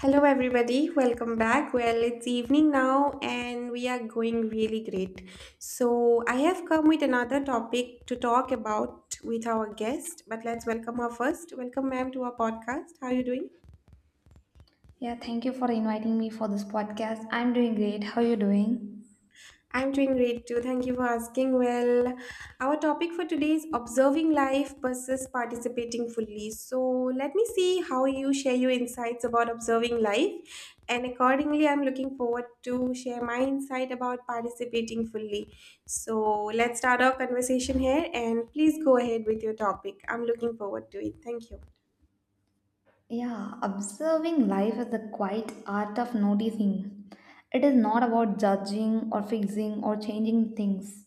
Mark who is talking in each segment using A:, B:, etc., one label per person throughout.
A: Hello, everybody. Welcome back. Well, it's evening now, and we are going really great. So, I have come with another topic to talk about with our guest, but let's welcome her first. Welcome, ma'am, to our podcast. How are you doing?
B: Yeah, thank you for inviting me for this podcast. I'm doing great. How are you doing?
A: I'm doing great too. Thank you for asking. Well, our topic for today is observing life versus participating fully. So, let me see how you share your insights about observing life. And accordingly, I'm looking forward to share my insight about participating fully. So, let's start our conversation here and please go ahead with your topic. I'm looking forward to it. Thank you.
B: Yeah, observing life is the quiet art of noticing. It is not about judging or fixing or changing things.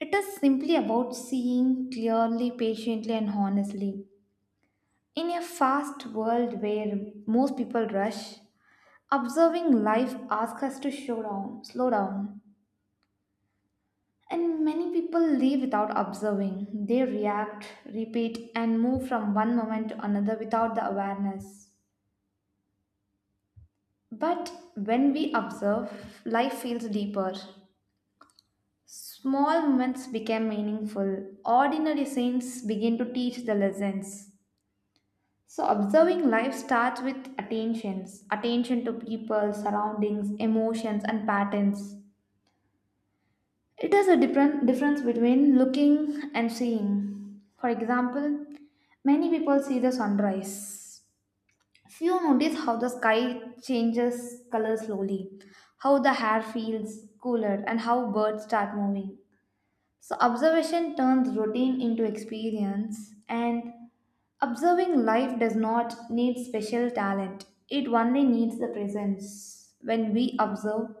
B: It is simply about seeing clearly, patiently, and honestly. In a fast world where most people rush, observing life asks us to slow down, slow down. And many people live without observing. They react, repeat, and move from one moment to another without the awareness. But when we observe, life feels deeper. Small moments become meaningful. Ordinary scenes begin to teach the lessons. So, observing life starts with attention to people, surroundings, emotions, and patterns. It is a different difference between looking and seeing. For example, many people see the sunrise. Few notice how the sky changes color slowly, how the air feels cooler, and how birds start moving. So observation turns routine into experience, and observing life does not need special talent. It only needs the presence. When we observe,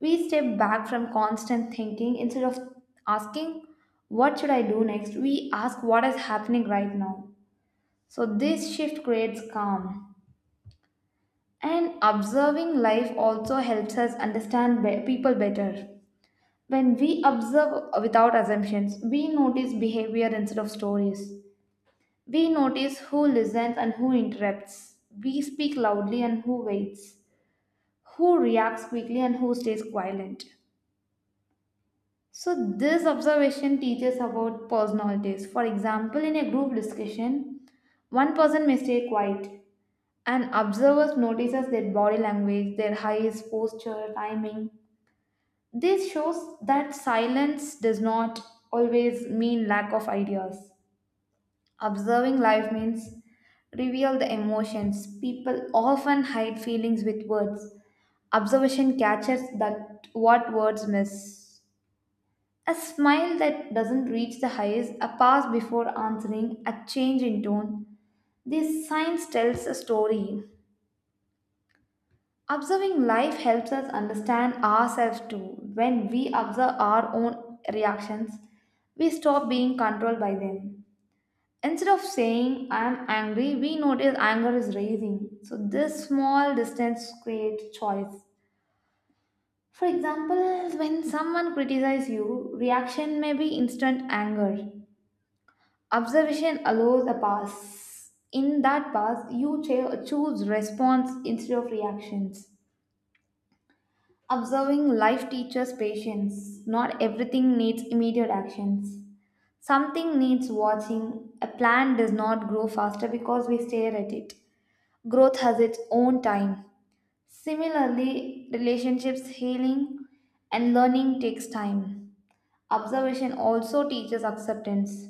B: we step back from constant thinking instead of asking, what should I do next? We ask, what is happening right now? So, this shift creates calm. And observing life also helps us understand people better. When we observe without assumptions, we notice behavior instead of stories. We notice who listens and who interrupts. We speak loudly and who waits. Who reacts quickly and who stays quiet. So, this observation teaches about personalities. For example, in a group discussion, one person may stay quiet, and observers notices their body language, their eyes, posture, timing. This shows that silence does not always mean lack of ideas. Observing life means reveal the emotions. People often hide feelings with words. Observation catches that what words miss. A smile that doesn't reach the highest, a pause before answering, a change in tone. These signs tells a story. Observing life helps us understand ourselves too. When we observe our own reactions, we stop being controlled by them. Instead of saying I am angry, we notice anger is rising. So this small distance creates choice. For example, when someone criticizes you, reaction may be instant anger. Observation allows a pass. In that pass, you choose response instead of reactions. Observing life teaches patience. Not everything needs immediate actions. Something needs watching. A plant does not grow faster because we stare at it. Growth has its own time. Similarly, relationships healing and learning takes time. Observation also teaches acceptance.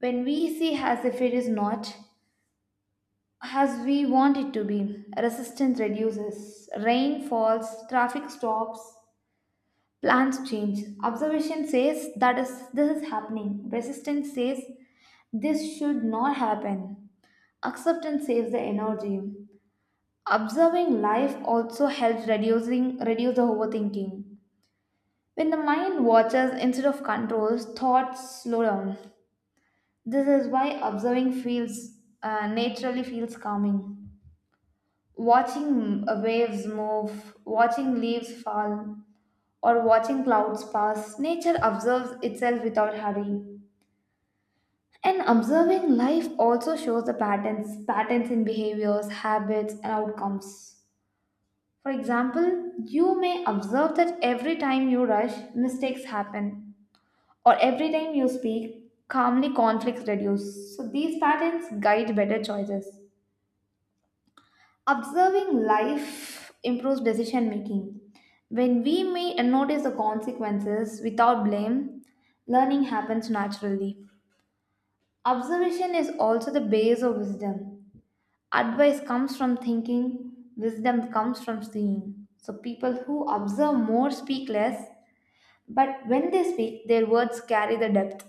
B: When we see as if it is not, as we want it to be. Resistance reduces, rain falls, traffic stops, plans change. Observation says that is this is happening. Resistance says this should not happen. Acceptance saves the energy. Observing life also helps reducing reduce the overthinking. When the mind watches instead of controls, thoughts slow down. This is why observing feels naturally feels calming. Watching waves move, watching leaves fall, or watching clouds pass, nature observes itself without hurry. And observing life also shows the patterns, patterns in behaviors, habits, and outcomes. For example, you may observe that every time you rush, mistakes happen, or every time you speak, calmly conflicts reduce. So these patterns guide better choices. Observing life improves decision making. When we may notice the consequences without blame, learning happens naturally. Observation is also the base of wisdom. Advice comes from thinking, wisdom comes from seeing. So, people who observe more speak less, but when they speak, their words carry the depth.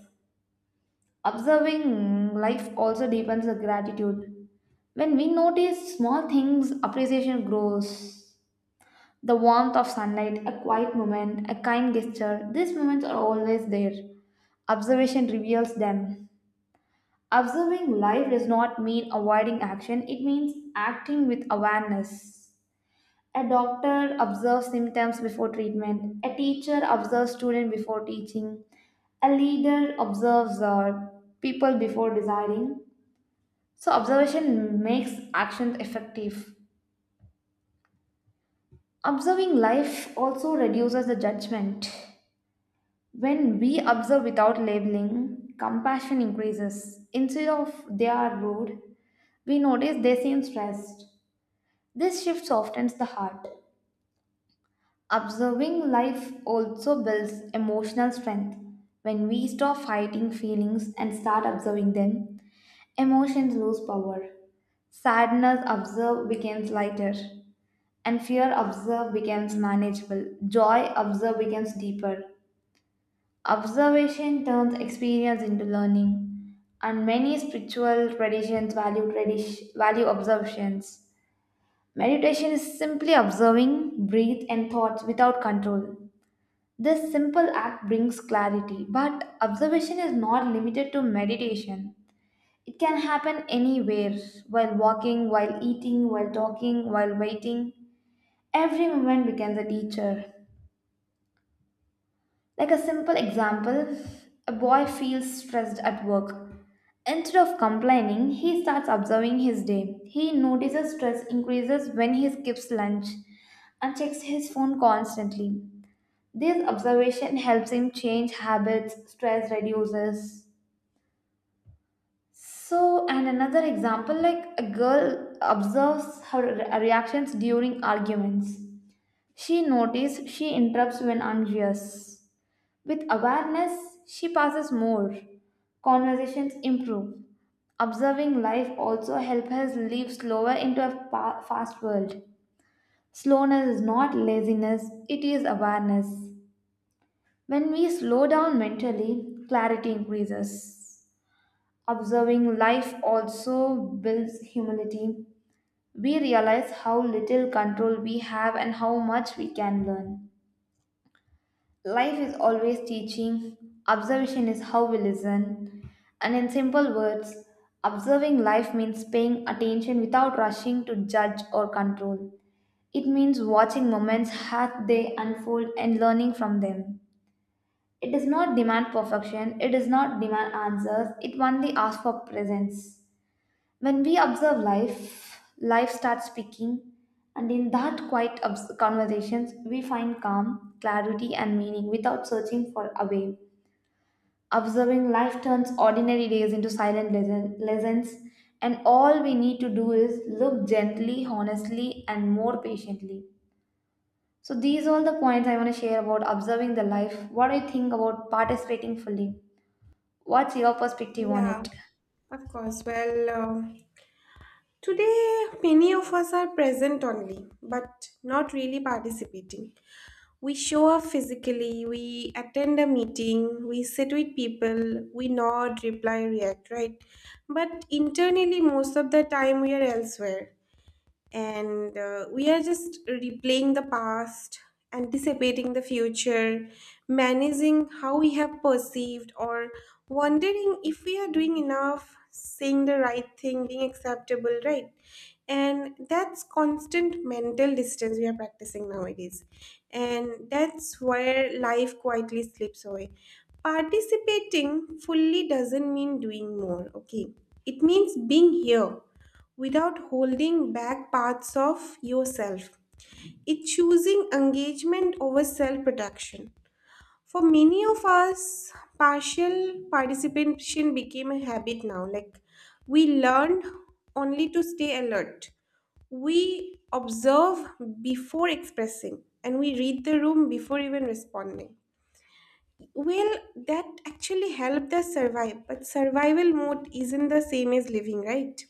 B: Observing life also deepens the gratitude. When we notice small things, appreciation grows. The warmth of sunlight, a quiet moment, a kind gesture, these moments are always there. Observation reveals them. Observing life does not mean avoiding action, it means acting with awareness. A doctor observes symptoms before treatment, a teacher observes student before teaching, a leader observes people before deciding. So, observation makes actions effective. Observing life also reduces the judgment. When we observe without labeling, compassion increases. Instead of they are rude, we notice they seem stressed. This shift softens the heart. Observing life also builds emotional strength. When we stop fighting feelings and start observing them, emotions lose power. Sadness observed becomes lighter, and fear observed becomes manageable. Joy observed becomes deeper. Observation turns experience into learning, and many spiritual traditions value tradition, value observations. Meditation is simply observing, breathe, and thoughts without control. This simple act brings clarity, but observation is not limited to meditation. It can happen anywhere while walking, while eating, while talking, while waiting. Every moment becomes a teacher. Like a simple example, a boy feels stressed at work. Instead of complaining, he starts observing his day. He notices stress increases when he skips lunch and checks his phone constantly. This observation helps him change habits, stress reduces. So, and another example like a girl observes her reactions during arguments. She notices she interrupts when anxious. With awareness, she passes more. Conversations improve. Observing life also helps us live slower into a fast world. Slowness is not laziness, it is awareness. When we slow down mentally, clarity increases. Observing life also builds humility. We realize how little control we have and how much we can learn. Life is always teaching, observation is how we listen. And in simple words, observing life means paying attention without rushing to judge or control. It means watching moments as they unfold and learning from them. It does not demand perfection, it does not demand answers, it only asks for presence. When we observe life, life starts speaking, and in that quiet conversations, we find calm, clarity, and meaning without searching for a way. Observing life turns ordinary days into silent lessons, and all we need to do is look gently, honestly, and more patiently. So, these are all the points I want to share about observing the life. What do you think about participating fully? What's your perspective on
A: Yeah,
B: it?
A: of course. Well, today many of us are present only, but not really participating. We show up physically, we attend a meeting, we sit with people, we nod, reply, react, right? But internally, most of the time, we are elsewhere and we are just replaying the past, anticipating the future, managing how we have perceived, or wondering if we are doing enough, saying the right thing, being acceptable, right? And that's constant mental distance we are practicing nowadays. And that's where life quietly slips away. Participating fully doesn't mean doing more, okay? It means being here without holding back parts of yourself. It's choosing engagement over self protection. For many of us, partial participation became a habit now. Like we learned only to stay alert. We observe before expressing and we read the room before even responding. Well, that actually helped us survive, but survival mode isn't the same as living, right?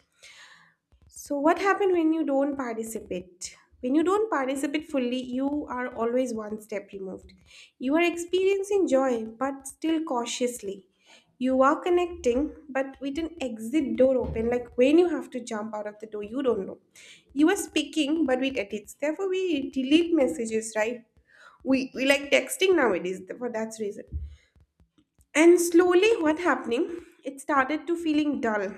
A: So, what happens when you don't participate? When you don't participate fully, you are always one step removed. You are experiencing joy, but still cautiously. You are connecting, but with an exit door open, like when you have to jump out of the door, you don't know. You are speaking, but with edits. Therefore, we delete messages, right? We like texting nowadays for that reason. And slowly, what happening? It started to feeling dull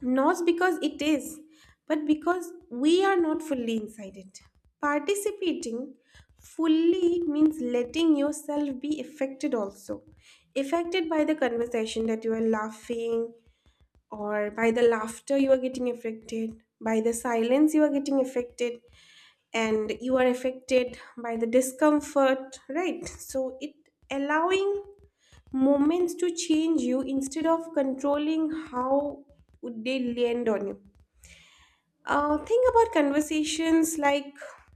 A: not because it is, but because we are not fully inside it. Participating fully means letting yourself be affected also. Affected by the conversation that you are laughing, or by the laughter you are getting affected, by the silence you are getting affected, and you are affected by the discomfort, right? So it allowing moments to change you instead of controlling how would they land on you. Think about conversations like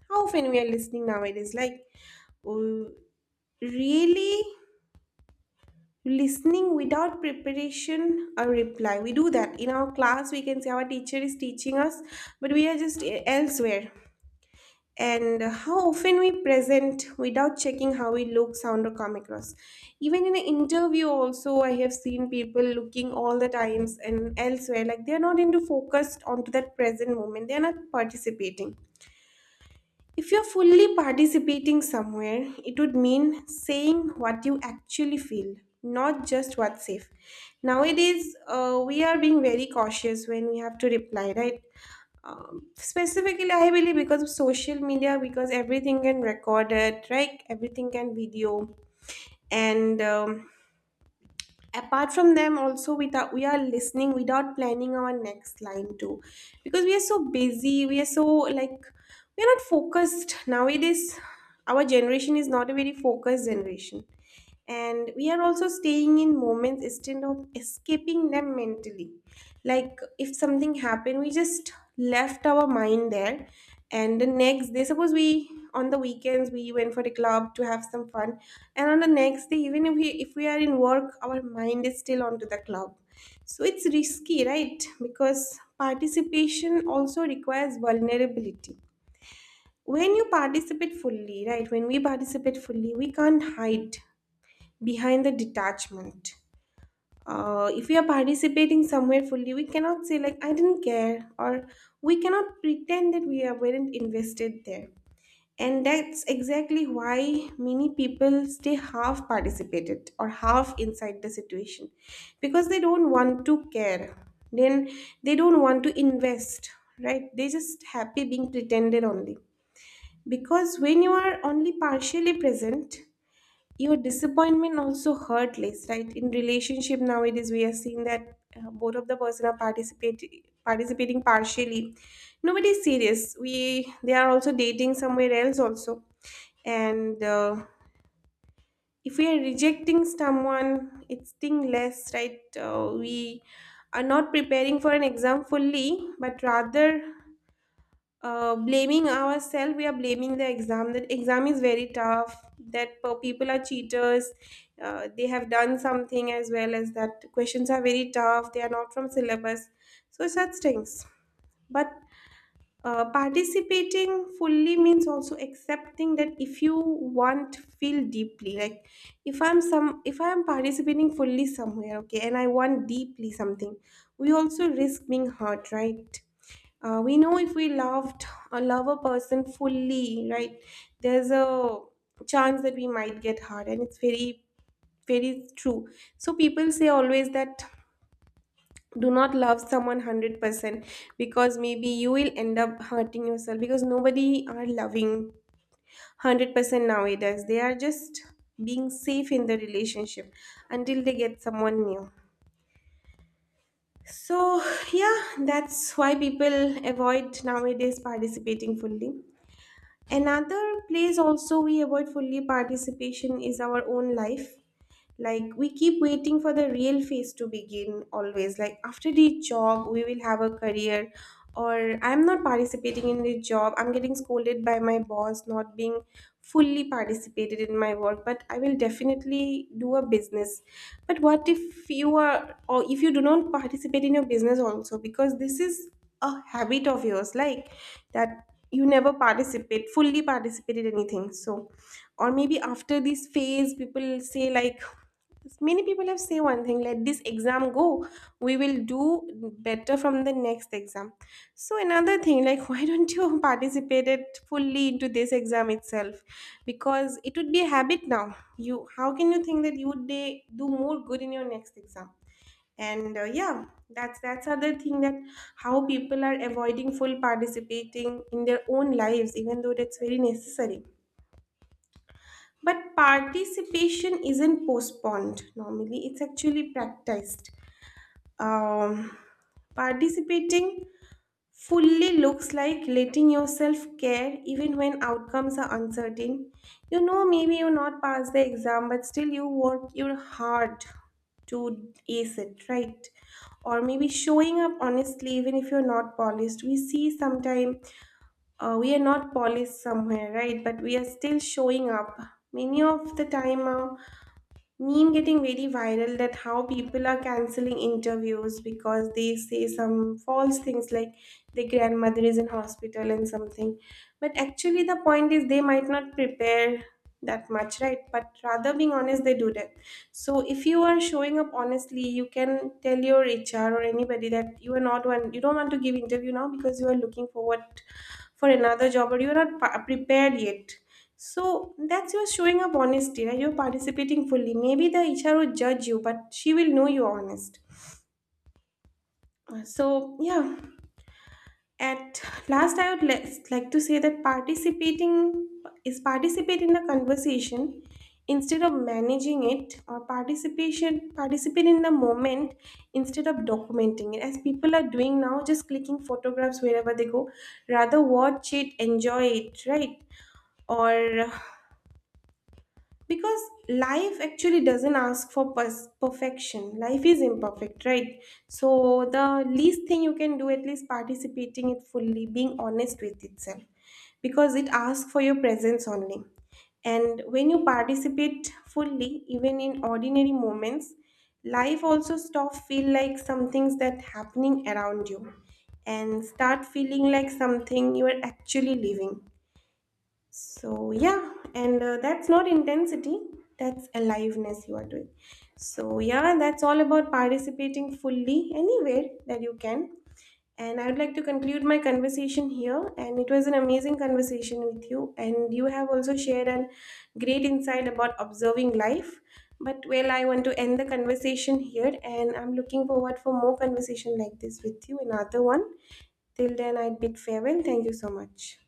A: how often we are listening nowadays, like uh, really listening without preparation or reply. We do that in our class. We can say our teacher is teaching us, but we are just elsewhere. And how often we present without checking how we look, sound, or come across. Even in an interview, also I have seen people looking all the times and elsewhere, like they are not into focused onto that present moment. They are not participating. If you're fully participating somewhere, it would mean saying what you actually feel, not just what's safe. Nowadays, we are being very cautious when we have to reply, right? Specifically, I believe because of social media, because everything can record it, right? Everything can video, and apart from them also we thought we are listening without planning our next line too, because we are so busy, we are so like we are not focused nowadays. Our generation is not a very focused generation, and we are also staying in moments instead of escaping them mentally. Like if something happened we just left our mind there, and the next day suppose we on the weekends we went for a club to have some fun. And on the next day even if we are in work our mind is still onto the club. So it's risky, right? Because participation also requires vulnerability. When you participate fully, right? When we participate fully we can't hide behind the detachment. If we are participating somewhere fully, we cannot say like I didn't care, or we cannot pretend that we are weren't invested there. And that's exactly why many people stay half participated or half inside the situation because they don't want to care. Then they don't want to invest, right? They just happy being pretended only. Because when you are only partially present, your disappointment also hurt less, right? In relationship nowadays we are seeing that both of the person are participating partially. Nobody's serious, we they are also dating somewhere else also. And if we are rejecting someone it's sting less, right? We are not preparing for an exam fully but rather blaming ourselves, we are blaming the exam, that exam is very tough, that people are cheaters. They have done something as well as that questions are very tough, they are not from syllabus. So such things. But participating fully means also accepting that if you want feel deeply, like if I'm some if I am participating fully somewhere, okay, and I want deeply something, we also risk being hurt, right? We know if we loved or love a person fully, right? There's a chance that we might get hurt, and it's very very true. So people say always that do not love someone 100% because maybe you will end up hurting yourself, because nobody are loving 100% nowadays. They are just being safe in the relationship until they get someone new. So yeah, that's why people avoid nowadays participating fully. Another place also we avoid fully participation is our own life. Like we keep waiting for the real phase to begin always, like after the job we will have a career, or I'm not participating in the job, I'm getting scolded by my boss not being fully participated in my work, but I will definitely do a business. But what if you are, or if you do not participate in your business also, because this is a habit of yours, like that you never participate fully participate in anything. So, or maybe after this phase people say like, many people have say one thing, let this exam go. We will do better from the next exam. So another thing, like why don't you participate it fully into this exam itself? Because it would be a habit now. You how can you think that you would do more good in your next exam? And yeah, that's other thing that how people are avoiding full participating in their own lives, even though that's very necessary. But participation isn't postponed normally, it's actually practiced. Um, participating fully looks like letting yourself care even when outcomes are uncertain. You know, maybe you not pass the exam, but still you work your hard to ace it, right? Or maybe showing up honestly, even if you're not polished. We see sometimes we are not polished somewhere, right? But we are still showing up. Many of the time, meme getting very viral that how people are canceling interviews because they say some false things like their grandmother is in hospital and something, but actually the point is they might not prepare that much, right? But rather being honest they do that. So if you are showing up honestly you can tell your HR or anybody that you are not one you don't want to give interview now, because you are looking forward for another job or you are not prepared yet. So that's your showing up honesty, right? You're participating fully. Maybe the HR would judge you, but she will know you're honest. So yeah. At last, I would like to say that participating is participate in the conversation instead of managing it, or participation participate in the moment instead of documenting it, as people are doing now, just clicking photographs wherever they go. Rather watch it, enjoy it, right? Or, because life actually doesn't ask for perfection. Life is imperfect, right? So the least thing you can do at least participating it fully being honest with itself, because it asks for your presence only. And when you participate fully even in ordinary moments, life also stop feel like some things that happening around you and start feeling like something you are actually living. So, yeah, and that's not intensity, that's aliveness you are doing. So, yeah, that's all about participating fully anywhere that you can. And I would like to conclude my conversation here. And it was an amazing conversation with you. And you have also shared a great insight about observing life. But well, I want to end the conversation here. And I'm looking forward for more conversation like this with you, another one. Till then, I bid farewell. Thank you so much.